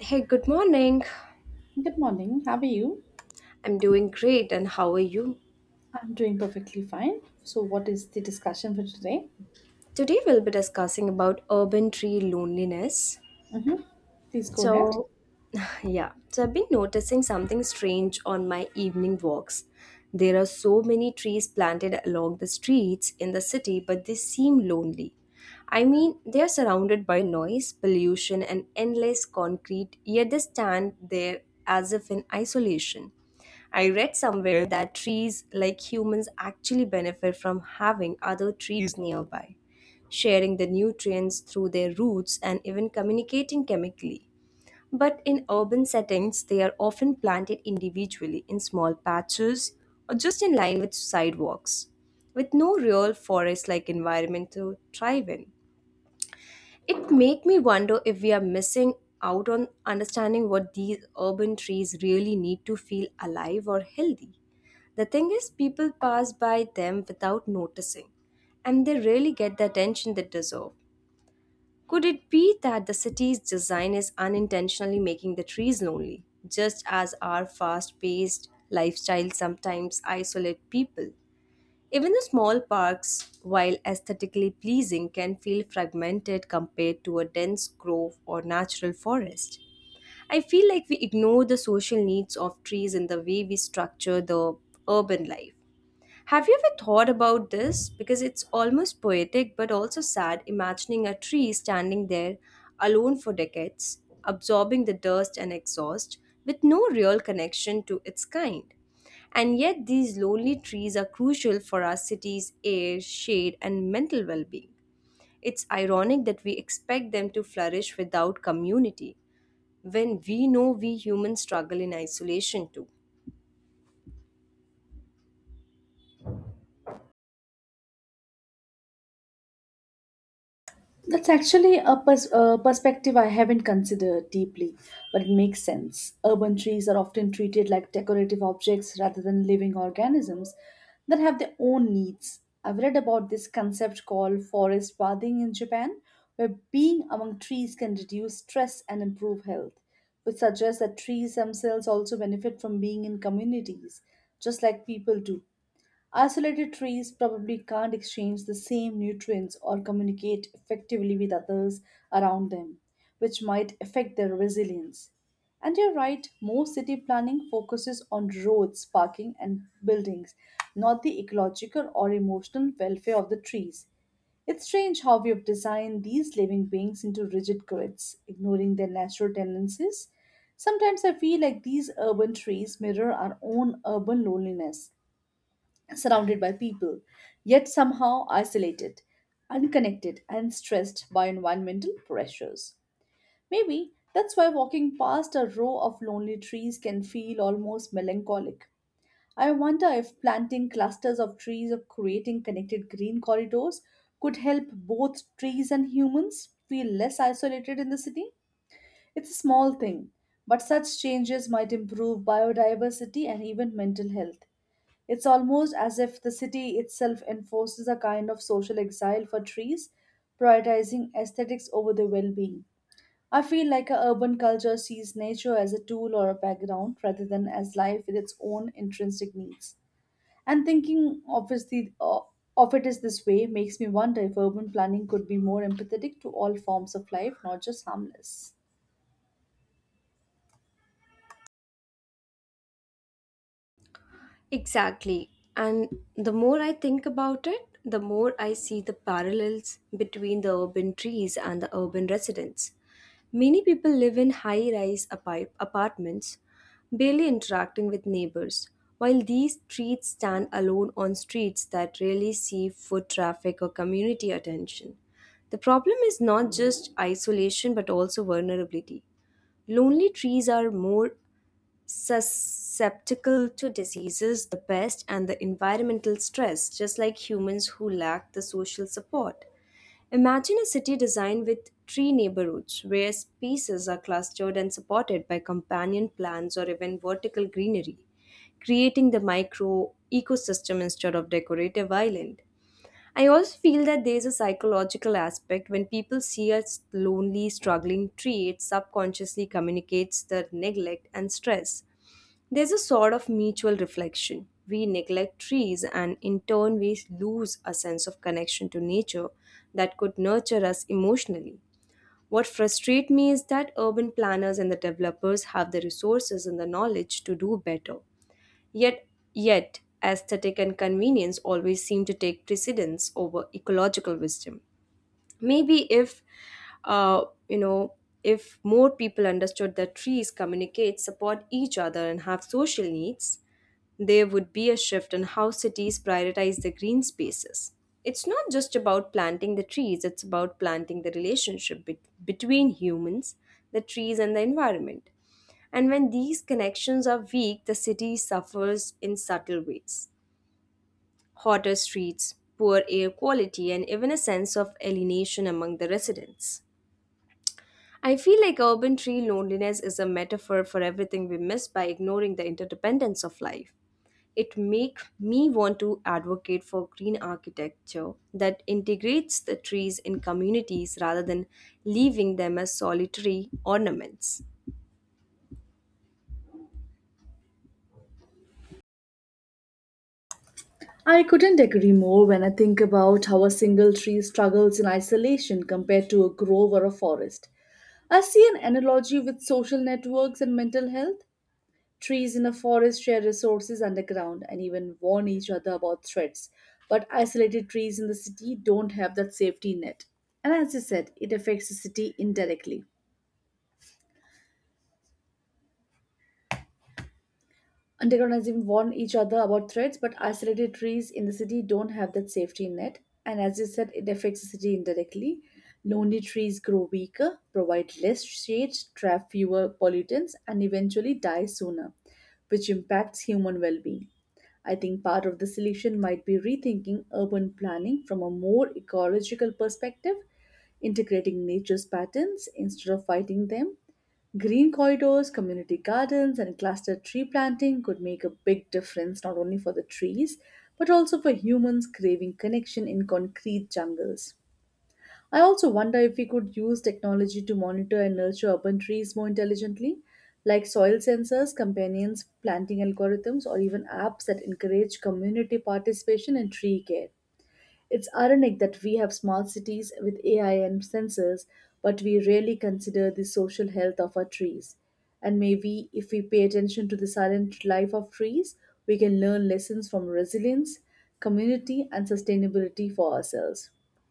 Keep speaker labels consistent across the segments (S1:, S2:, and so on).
S1: Hey, good morning.
S2: Good morning. How are you?
S1: I'm doing great and how are you?
S2: I'm doing perfectly fine. So, what is the discussion for today?
S1: Today we'll be discussing about urban tree loneliness.
S2: Please go ahead.
S1: So, yeah, so I've been noticing something strange on my evening walks. There are so many trees planted along the streets in the city, but they seem lonely. I mean, they are surrounded by noise, pollution, and endless concrete, yet they stand there as if in isolation. I read somewhere that trees, like humans, actually benefit from having other trees nearby, sharing the nutrients through their roots and even communicating chemically. But in urban settings, they are often planted individually in small patches or just in line with sidewalks, with no real forest like environment to thrive in. It make me wonder if we are missing out on understanding what these urban trees really need to feel alive or healthy. The thing is, people pass by them without noticing, and they really get the attention they deserve. Could it be that the city's design is unintentionally making the trees lonely, just as our fast paced lifestyle sometimes isolate people? Even the small parks, while aesthetically pleasing, can feel fragmented compared to a dense grove or natural forest. I feel like we ignore the social needs of trees in the way we structure the urban life. Have you ever thought about this? Because it's almost poetic but also sad imagining a tree standing there alone for decades, absorbing the dust and exhaust with no real connection to its kind. And yet, these lonely trees are crucial for our city's air, shade, and mental well being. It's ironic that we expect them to flourish without community, when we know we humans struggle in isolation too.
S2: That's actually a perspective I haven't considered deeply, but it makes sense. Urban trees are often treated like decorative objects rather than living organisms that have their own needs. I've read about this concept called forest bathing in Japan, where being among trees can reduce stress and improve health, which suggests that trees themselves also benefit from being in communities, just like people do. Isolated trees probably can't exchange the same nutrients or communicate effectively with others around them, which might affect their resilience. And you're right, most city planning focuses on roads, parking, and buildings, not the ecological or emotional welfare of the trees. It's strange how we have designed these living beings into rigid grids, ignoring their natural tendencies. Sometimes I feel like these urban trees mirror our own urban loneliness surrounded by people, yet somehow isolated, unconnected, and stressed by environmental pressures. Maybe that's why walking past a row of lonely trees can feel almost melancholic. I wonder if planting clusters of trees or creating connected green corridors could help both trees and humans feel less isolated in the city. It's a small thing, but such changes might improve biodiversity and even mental health. It's almost as if the city itself enforces a kind of social exile for trees, prioritizing aesthetics over their well being. I feel like our urban culture sees nature as a tool or a background rather than as life with its own intrinsic needs. And thinking obviously of it is this way makes me wonder if urban planning could be more empathetic to all forms of life, not just harmless.
S1: Exactly. And the more I think about it, the more I see the parallels between the urban trees and the urban residents. Many people live in high rise apartments, barely interacting with neighbors, while these trees stand alone on streets that rarely see foot traffic or community attention. The problem is not just isolation but also vulnerability. Lonely trees are more susceptible to diseases, the pest, and the environmental stress, just like humans who lack the social support. Imagine a city designed with tree neighborhoods where species are clustered and supported by companion plants or even vertical greenery, creating the micro ecosystem instead of decorative island. I also feel that there is a psychological aspect when people see a lonely, struggling tree, it subconsciously communicates their neglect and stress. There's a sort of mutual reflection. We neglect trees, and in turn, we lose a sense of connection to nature that could nurture us emotionally. What frustrates me is that urban planners and the developers have the resources and the knowledge to do better. Yet, yet, aesthetic and convenience always seem to take precedence over ecological wisdom. Maybe if, uh, you know, if more people understood that trees communicate, support each other, and have social needs, there would be a shift in how cities prioritize the green spaces. It's not just about planting the trees, it's about planting the relationship between humans, the trees, and the environment. And when these connections are weak, the city suffers in subtle ways: hotter streets, poor air quality, and even a sense of alienation among the residents. I feel like urban tree loneliness is a metaphor for everything we miss by ignoring the interdependence of life. It makes me want to advocate for green architecture that integrates the trees in communities rather than leaving them as solitary ornaments.
S2: I couldn't agree more when I think about how a single tree struggles in isolation compared to a grove or a forest. I see an analogy with social networks and mental health. Trees in a forest share resources underground and even warn each other about threats. But isolated trees in the city don't have that safety net. And as you said, it affects the city indirectly. Undergrounders even warn each other about threats, but isolated trees in the city don't have that safety net. And as you said, it affects the city indirectly. Lonely trees grow weaker, provide less shade, trap fewer pollutants, and eventually die sooner, which impacts human well being. I think part of the solution might be rethinking urban planning from a more ecological perspective, integrating nature's patterns instead of fighting them. Green corridors, community gardens, and clustered tree planting could make a big difference not only for the trees, but also for humans craving connection in concrete jungles. I also wonder if we could use technology to monitor and nurture urban trees more intelligently, like soil sensors, companions, planting algorithms, or even apps that encourage community participation in tree care. It's ironic that we have smart cities with AI and sensors, but we rarely consider the social health of our trees. And maybe if we pay attention to the silent life of trees, we can learn lessons from resilience, community, and sustainability for ourselves.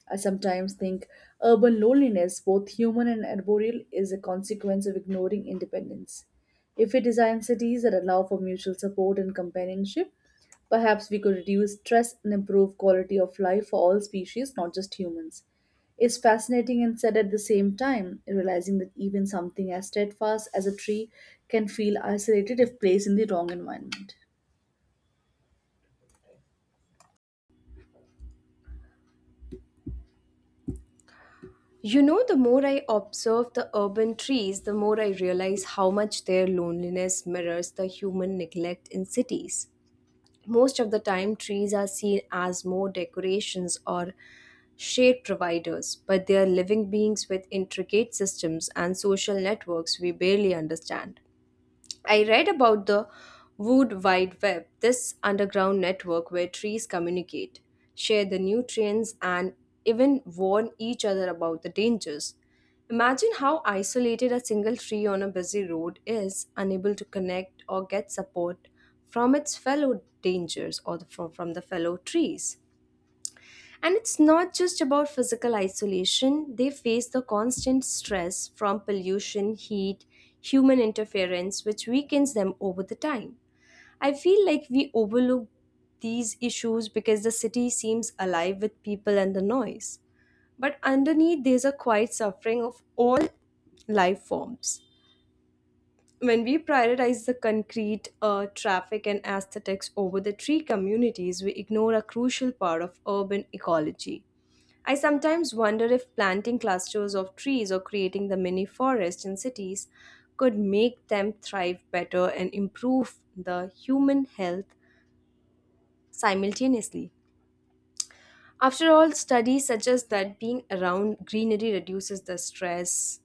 S2: I sometimes think urban loneliness, both human and arboreal, is a consequence of ignoring independence. If we design cities that allow for mutual support and companionship, perhaps we could reduce stress and improve quality of life for all species, not just humans. It's fascinating and sad at the same time, realizing that even something as steadfast as a tree can feel isolated if placed in the wrong environment.
S1: You know, the more I observe the urban trees, the more I realize how much their loneliness mirrors the human neglect in cities. Most of the time, trees are seen as more decorations or shade providers, but they are living beings with intricate systems and social networks we barely understand. I read about the Wood Wide Web, this underground network where trees communicate, share the nutrients, and even warn each other about the dangers. Imagine how isolated a single tree on a busy road is, unable to connect or get support from its fellow dangers or from the fellow trees. And it's not just about physical isolation, they face the constant stress from pollution, heat, human interference, which weakens them over the time. I feel like we overlook these issues because the city seems alive with people and the noise. But underneath, there's a quiet suffering of all life forms. When we prioritize the concrete, traffic, and aesthetics over the tree communities, we ignore a crucial part of urban ecology. I sometimes wonder if planting clusters of trees or creating the mini forest in cities could make them thrive better and improve the human health simultaneously. After all, studies suggest that being around greenery reduces the stress.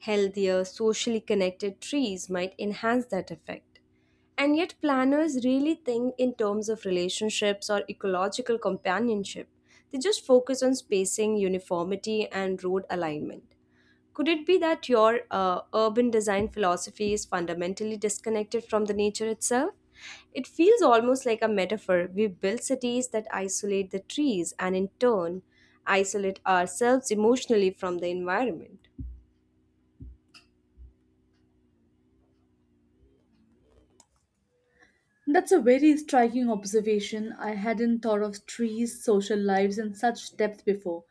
S1: Healthier, socially connected trees might enhance that effect. And yet, planners really think in terms of relationships or ecological companionship. They just focus on spacing, uniformity, and road alignment. Could it be that your urban design philosophy is fundamentally disconnected from the nature itself? It feels almost like a metaphor. We build cities that isolate the trees and, in turn, isolate ourselves emotionally from the environment.
S2: That's a very striking observation. I hadn't thought of trees, social lives in such depth before.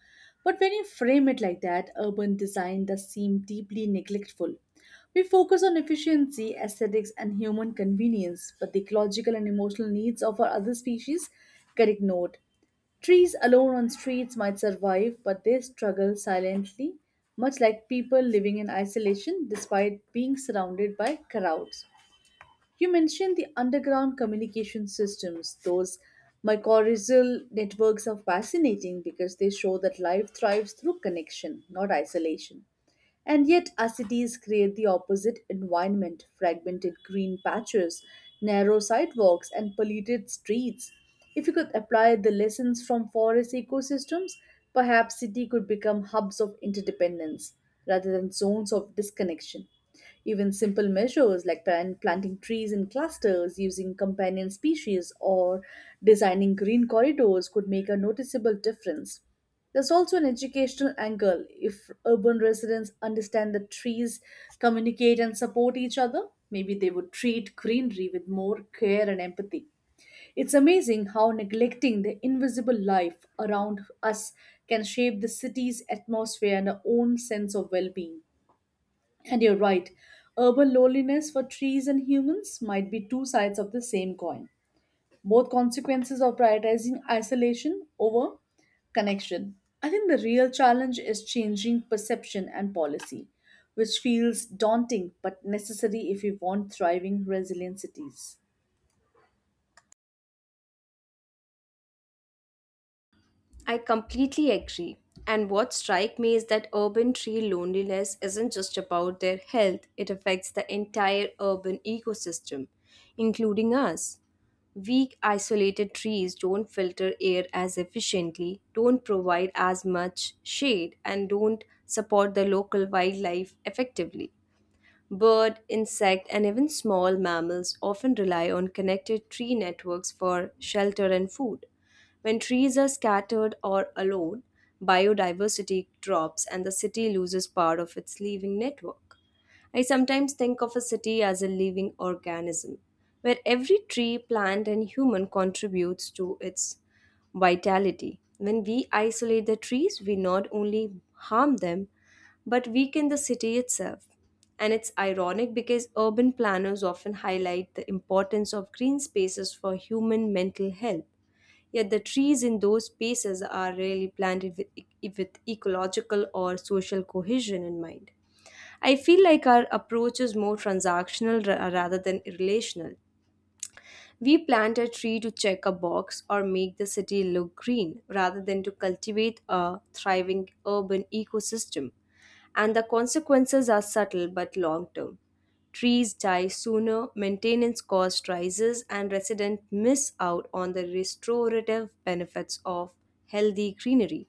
S2: But when you frame it like that, urban design does seem deeply neglectful. We focus on efficiency, aesthetics, and human convenience, but the ecological and emotional needs of our other species get ignored. Trees alone on streets might survive, but they struggle silently, much like people living in isolation despite being surrounded by crowds. You mentioned the underground communication systems. Those mycorrhizal networks are fascinating because they show that life thrives through connection, not isolation. And yet, our cities create the opposite environment fragmented green patches, narrow sidewalks, and polluted streets. If we could apply the lessons from forest ecosystems, perhaps city could become hubs of interdependence rather than zones of disconnection. Even simple measures like planting trees in clusters, using companion species, or designing green corridors could make a noticeable difference. There's also an educational angle. If urban residents understand that trees communicate and support each other, maybe they would treat greenery with more care and empathy. It's amazing how neglecting the invisible life around us can shape the city's atmosphere and our own sense of well being. And you're right, urban loneliness for trees and humans might be two sides of the same coin, both consequences of prioritizing isolation over connection. I think the real challenge is changing perception and policy, which feels daunting but necessary if we want thriving, resilient cities.
S1: I completely agree. And what strikes me is that urban tree loneliness isn't just about their health, it affects the entire urban ecosystem, including us. Weak, isolated trees don't filter air as efficiently, don't provide as much shade, and don't support the local wildlife effectively. Bird, insect, and even small mammals often rely on connected tree networks for shelter and food. When trees are scattered or alone, biodiversity drops and the city loses part of its living network. I sometimes think of a city as a living organism, where every tree, plant, and human contributes to its vitality. When we isolate the trees, we not only harm them, but weaken the city itself. And it's ironic because urban planners often highlight the importance of green spaces for human mental health. Yet the trees in those spaces are rarely planted with, with ecological or social cohesion in mind. I feel like our approach is more transactional rather than relational. We plant a tree to check a box or make the city look green rather than to cultivate a thriving urban ecosystem, and the consequences are subtle but long term. Trees die sooner, maintenance cost rises, and residents miss out on the restorative benefits of healthy greenery.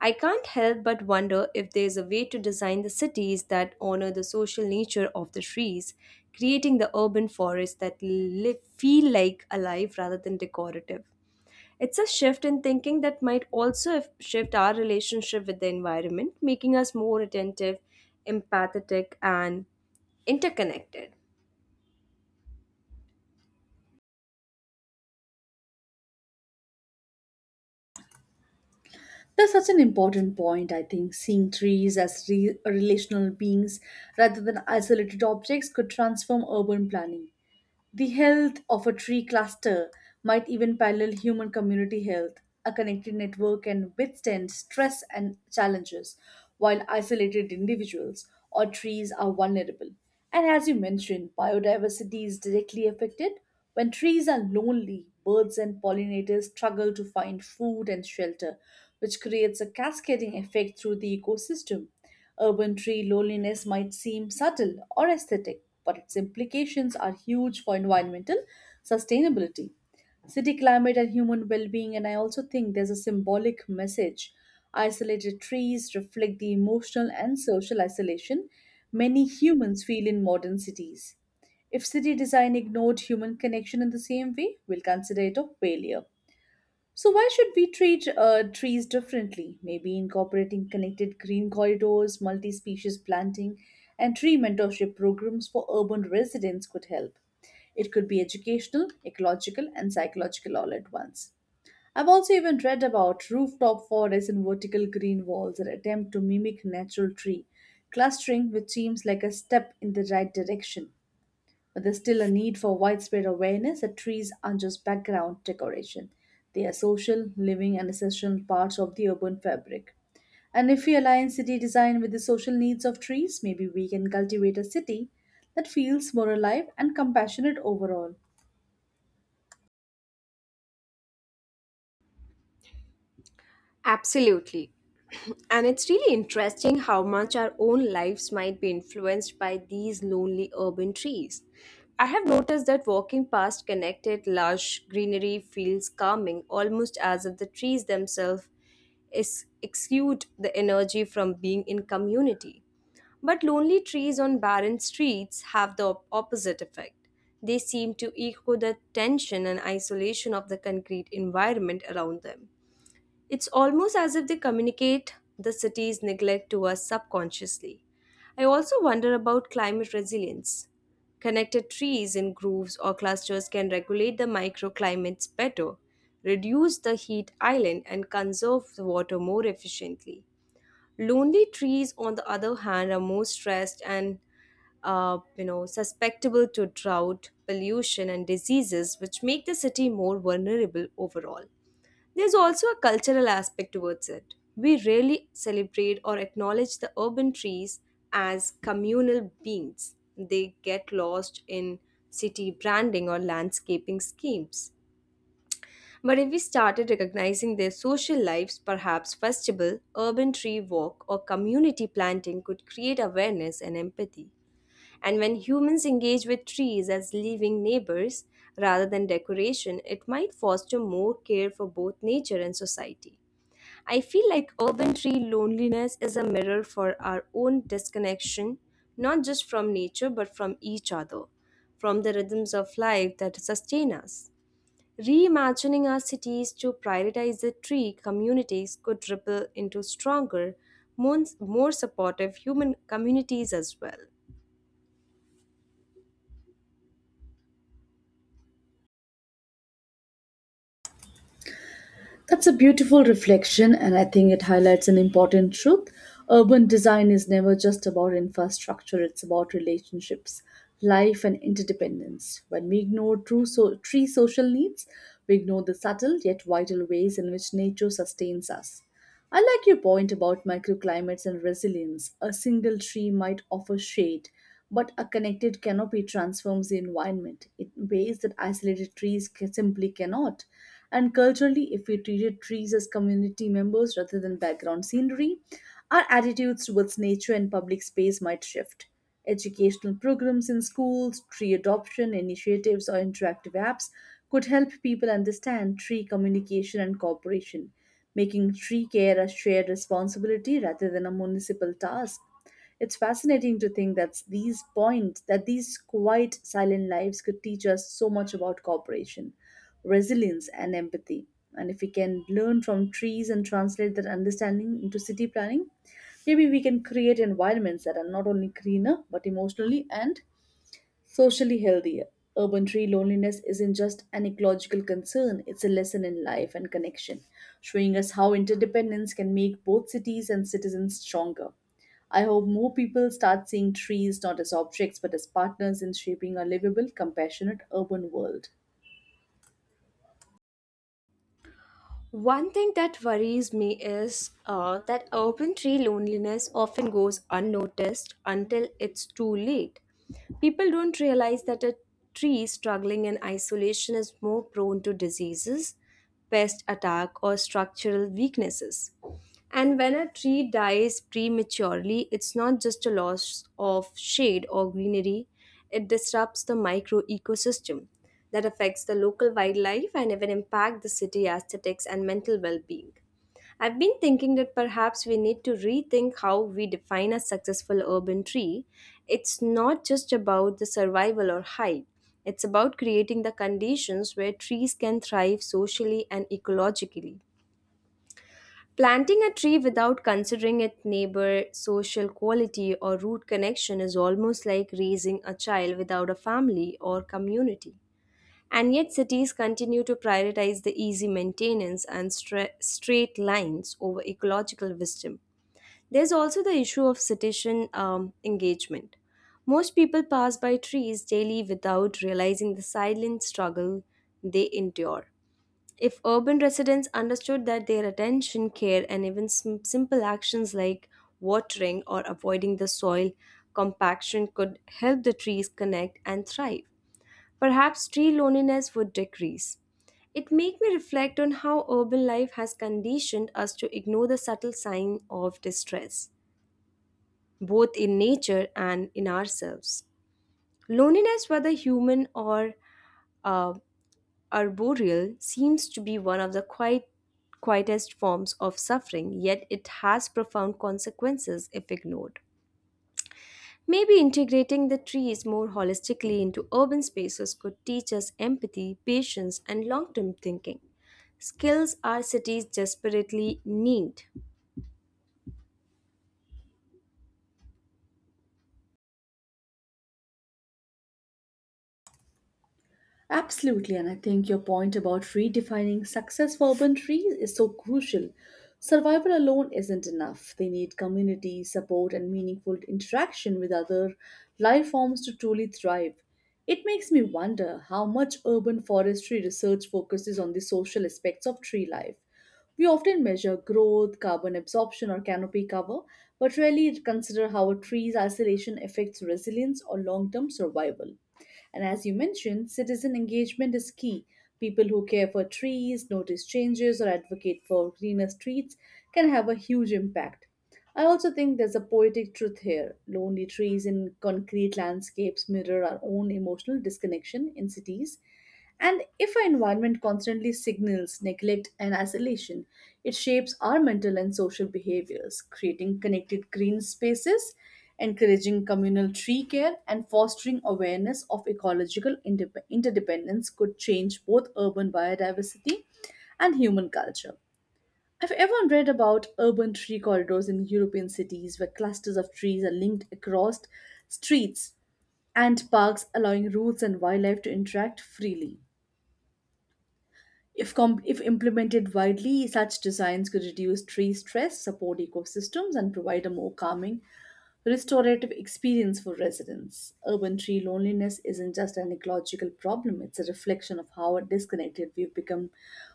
S1: I can't help but wonder if there's a way to design the cities that honor the social nature of the trees, creating the urban forests that live, feel like alive rather than decorative. It's a shift in thinking that might also shift our relationship with the environment, making us more attentive, empathetic, and interconnected.
S2: That's such an important point, I think. Seeing trees as relational beings rather than isolated objects could transform urban planning. The health of a tree cluster might even parallel human community health. A connected network can withstand stress and challenges, while isolated individuals or trees are vulnerable. And as you mentioned, biodiversity is directly affected. When trees are lonely, birds and pollinators struggle to find food and shelter, which creates a cascading effect through the ecosystem. Urban tree loneliness might seem subtle or aesthetic, but its implications are huge for environmental sustainability, city climate, and human well being. And I also think there's a symbolic message. Isolated trees reflect the emotional and social isolation many humans feel in modern cities. If city design ignored human connection in the same way, we'll consider it a failure. So why should we treat trees differently? Maybe incorporating connected green corridors, multi-species planting, and tree mentorship programs for urban residents could help. It could be educational, ecological, and psychological all at once. I've also even read about rooftop forests and vertical green walls that attempt to mimic natural tree clustering, which seems like a step in the right direction. But there's still a need for widespread awareness that trees aren't just background decoration. They are social, living, and essential parts of the urban fabric. And if we align city design with the social needs of trees, maybe we can cultivate a city that feels more alive and compassionate overall.
S1: Absolutely. And it's really interesting how much our own lives might be influenced by these lonely urban trees. I have noticed that walking past connected, lush greenery feels calming, almost as if the trees themselves is, exude the energy from being in community. But lonely trees on barren streets have the opposite effect. They seem to echo the tension and isolation of the concrete environment around them. It's almost as if they communicate the city's neglect to us subconsciously. I also wonder about climate resilience. Connected trees in groves or clusters can regulate the microclimates better, reduce the heat island, and conserve the water more efficiently. Lonely trees, on the other hand, are more stressed and susceptible to drought, pollution, and diseases, which make the city more vulnerable overall. There's also a cultural aspect towards it. We rarely celebrate or acknowledge the urban trees as communal beings. They get lost in city branding or landscaping schemes. But if we started recognizing their social lives, perhaps festival, urban tree walk, or community planting could create awareness and empathy. And when humans engage with trees as living neighbors rather than decoration, it might foster more care for both nature and society. I feel like urban tree loneliness is a mirror for our own disconnection, not just from nature but from each other, from the rhythms of life that sustain us. Reimagining our cities to prioritize the tree communities could ripple into stronger, more supportive human communities as well.
S2: That's a beautiful reflection, and I think it highlights an important truth. Urban design is never just about infrastructure, it's about relationships, life, and interdependence. When we ignore tree social needs, we ignore the subtle yet vital ways in which nature sustains us. I like your point about microclimates and resilience. A single tree might offer shade, but a connected canopy transforms the environment in ways that isolated trees simply cannot. And culturally, if we treated trees as community members rather than background scenery, our attitudes towards nature and public space might shift. Educational programs in schools, tree adoption initiatives, or interactive apps could help people understand tree communication and cooperation, making tree care a shared responsibility rather than a municipal task. It's fascinating to think that these points, that these quiet, silent lives could teach us so much about cooperation, resilience, and empathy. And if we can learn from trees and translate that understanding into city planning, maybe we can create environments that are not only greener but emotionally and socially healthier. Urban tree loneliness isn't just an ecological concern, it's a lesson in life and connection, showing us how interdependence can make both cities and citizens stronger. I hope more people start seeing trees not as objects but as partners in shaping a livable, compassionate urban world.
S1: One thing that worries me is that urban tree loneliness often goes unnoticed until it's too late. People don't realize that a tree struggling in isolation is more prone to diseases, pest attack, or structural weaknesses. And when a tree dies prematurely, it's not just a loss of shade or greenery, it disrupts the micro ecosystem that affects the local wildlife and even impact the city aesthetics and mental well-being. I've been thinking that perhaps we need to rethink how we define a successful urban tree. It's not just about the survival or height. It's about creating the conditions where trees can thrive socially and ecologically. Planting a tree without considering its neighbor, social quality, or root connection is almost like raising a child without a family or community. And yet, cities continue to prioritize the easy maintenance and straight lines over ecological wisdom. There's also the issue of citizen engagement. Most people pass by trees daily without realizing the silent struggle they endure. If urban residents understood that their attention, care, and even simple actions like watering or avoiding the soil compaction could help the trees connect and thrive, perhaps tree loneliness would decrease. It made me reflect on how urban life has conditioned us to ignore the subtle sign of distress, both in nature and in ourselves. Loneliness, whether human or uh, arboreal, seems to be one of the quite quietest forms of suffering, yet it has profound consequences if ignored. Maybe integrating the trees more holistically into urban spaces could teach us empathy, patience, and long term thinking. Skills our cities desperately need.
S2: Absolutely, and I think your point about redefining success for urban trees is so crucial. Survival alone isn't enough. They need community, support, and meaningful interaction with other life forms to truly thrive. It makes me wonder how much urban forestry research focuses on the social aspects of tree life. We often measure growth, carbon absorption, or canopy cover, but rarely consider how a tree's isolation affects resilience or long term survival. And as you mentioned, citizen engagement is key. People who care for trees, notice changes, or advocate for greener streets can have a huge impact. I also think there's a poetic truth here. Lonely trees in concrete landscapes mirror our own emotional disconnection in cities. And if our environment constantly signals neglect and isolation, it shapes our mental and social behaviors. Creating connected green spaces, encouraging communal tree care, and fostering awareness of ecological interdependence could change both urban biodiversity and human culture. I've ever read about urban tree corridors in European cities where clusters of trees are linked across streets and parks, allowing roots and wildlife to interact freely. If implemented widely, such designs could reduce tree stress, support ecosystems, and provide a more calming, restorative experience for residents. Urban tree loneliness isn't just an ecological problem, it's a reflection of how disconnected we've become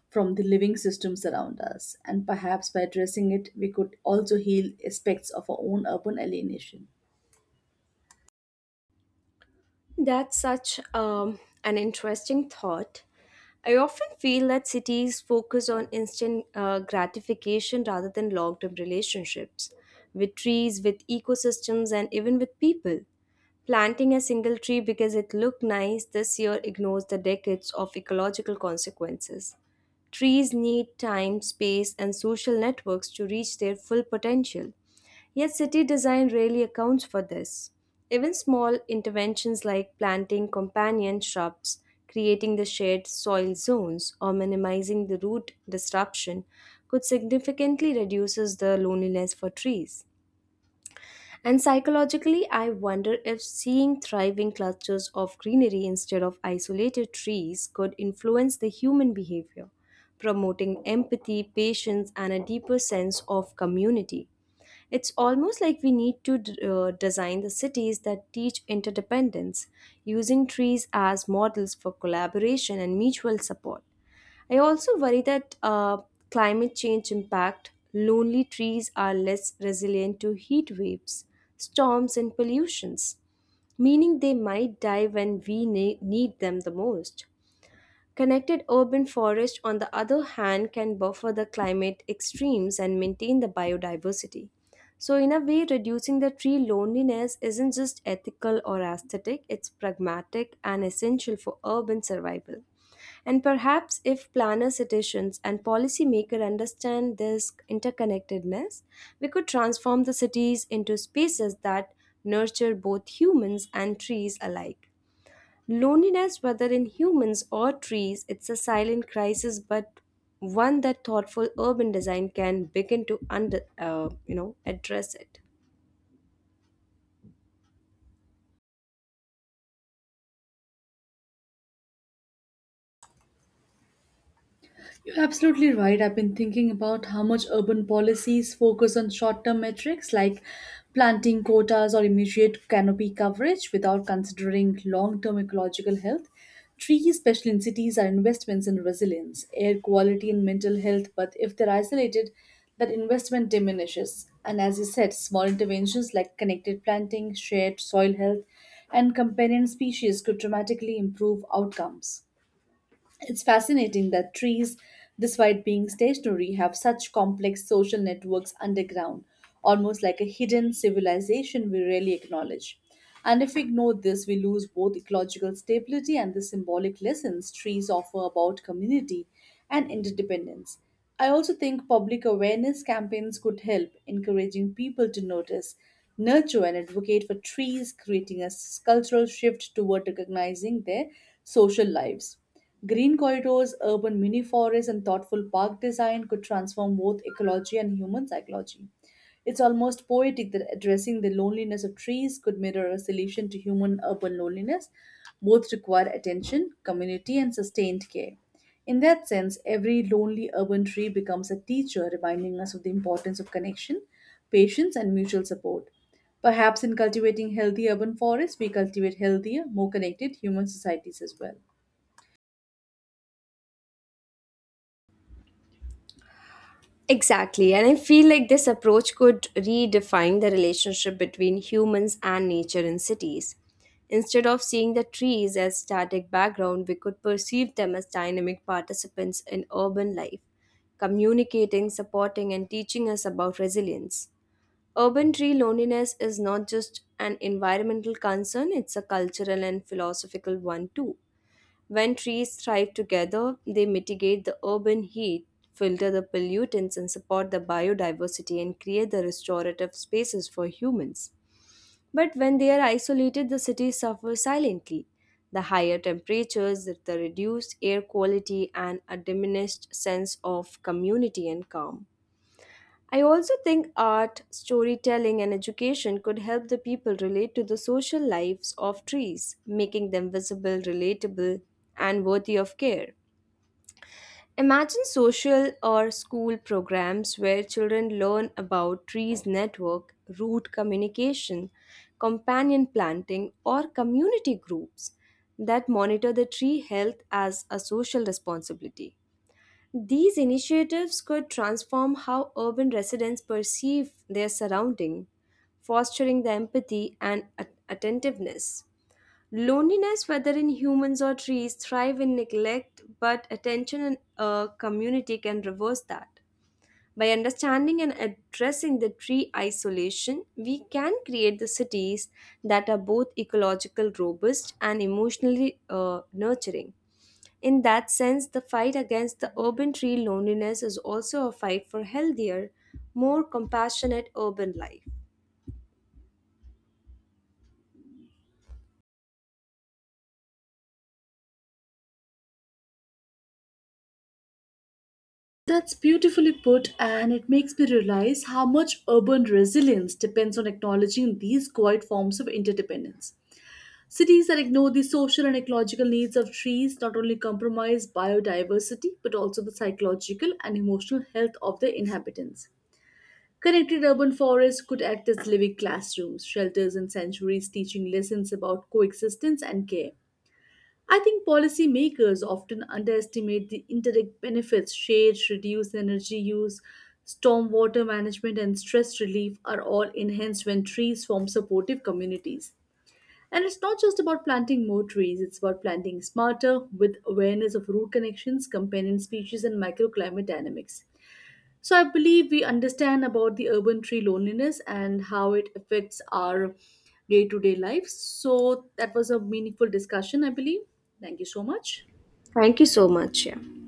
S2: from the living systems around us. And perhaps by addressing it, we could also heal aspects of our own urban alienation.
S1: That's such an interesting thought. I often feel that cities focus on instant gratification rather than long term relationships with trees, with ecosystems, and even with people. Planting a single tree because it looked nice this year ignores the decades of ecological consequences. Trees need time, space, and social networks to reach their full potential. Yet, city design rarely accounts for this. Even small interventions like planting companion shrubs, creating the shared soil zones, or minimizing the root disruption could significantly reduce the loneliness for trees. And psychologically, I wonder if seeing thriving clusters of greenery instead of isolated trees could influence the human behavior, promoting empathy, patience, and a deeper sense of community. It's almost like we need to design the cities that teach interdependence, using trees as models for collaboration and mutual support. I also worry that climate change impact lonely trees are less resilient to heat waves, storms, and pollutions, meaning they might die when we need them the most. Connected urban forest, on the other hand, can buffer the climate extremes and maintain the biodiversity. So, in a way, reducing the tree loneliness isn't just ethical or aesthetic, it's pragmatic and essential for urban survival. And perhaps if planner citizens and policymakers understand this interconnectedness, we could transform the cities into spaces that nurture both humans and trees alike. Loneliness, whether in humans or trees, it's a silent crisis, but one that thoughtful urban design can begin to address it.
S2: You're absolutely right. I've been thinking about how much urban policies focus on short term metrics like planting quotas or immediate canopy coverage without considering long term ecological health. Trees, especially in cities, are investments in resilience, air quality, and mental health, but if they're isolated, that investment diminishes. And as you said, small interventions like connected planting, shared soil health, and companion species could dramatically improve outcomes. It's fascinating that trees, despite being stationary, have such complex social networks underground, almost like a hidden civilization we rarely acknowledge. And if we ignore this, we lose both ecological stability and the symbolic lessons trees offer about community and interdependence. I also think public awareness campaigns could help, encouraging people to notice, nurture, and advocate for trees, creating a cultural shift toward recognizing their social lives. Green corridors, urban mini forests, and thoughtful park design could transform both ecology and human psychology. It's almost poetic that addressing the loneliness of trees could mirror a solution to human urban loneliness. Both require attention, community, and sustained care. In that sense, every lonely urban tree becomes a teacher reminding us of the importance of connection, patience, and mutual support. Perhaps in cultivating healthy urban forests, we cultivate healthier, more connected human societies as well.
S1: Exactly, and I feel like this approach could redefine the relationship between humans and nature in cities. Instead of seeing the trees as static background, we could perceive them as dynamic participants in urban life, communicating, supporting, and teaching us about resilience. Urban tree loneliness is not just an environmental concern, it's a cultural and philosophical one too. When trees thrive together, they mitigate the urban heat, filter the pollutants, and support the biodiversity and create the restorative spaces for humans. But when they are isolated, the cities suffer silently. The higher temperatures, the reduced air quality, and a diminished sense of community and calm. I also think art, storytelling, and education could help the people relate to the social lives of trees, making them visible, relatable, and worthy of care. Imagine social or school programs where children learn about trees network, root communication, companion planting, or community groups that monitor the tree health as a social responsibility. These initiatives could transform how urban residents perceive their surrounding, fostering the empathy and attentiveness. Loneliness, whether in humans or trees, thrive in neglect, but attention in a community can reverse that. By understanding and addressing the tree isolation, we can create the cities that are both ecological robust and emotionally nurturing. In that sense, the fight against the urban tree loneliness is also a fight for healthier, more compassionate urban life.
S2: That's beautifully put, and it makes me realize how much urban resilience depends on acknowledging these quiet forms of interdependence. Cities that ignore the social and ecological needs of trees not only compromise biodiversity but also the psychological and emotional health of their inhabitants. Connected urban forests could act as living classrooms, shelters, and sanctuaries teaching lessons about coexistence and care. I think policymakers often underestimate the indirect benefits shades, reduced energy use, stormwater management, and stress relief are all enhanced when trees form supportive communities. And it's not just about planting more trees, it's about planting smarter with awareness of root connections, companion species, and microclimate dynamics. So I believe we understand about the urban tree loneliness and how it affects our day to day life. So that was a meaningful discussion, I believe. Thank you so much.
S1: Thank you so much. Yeah.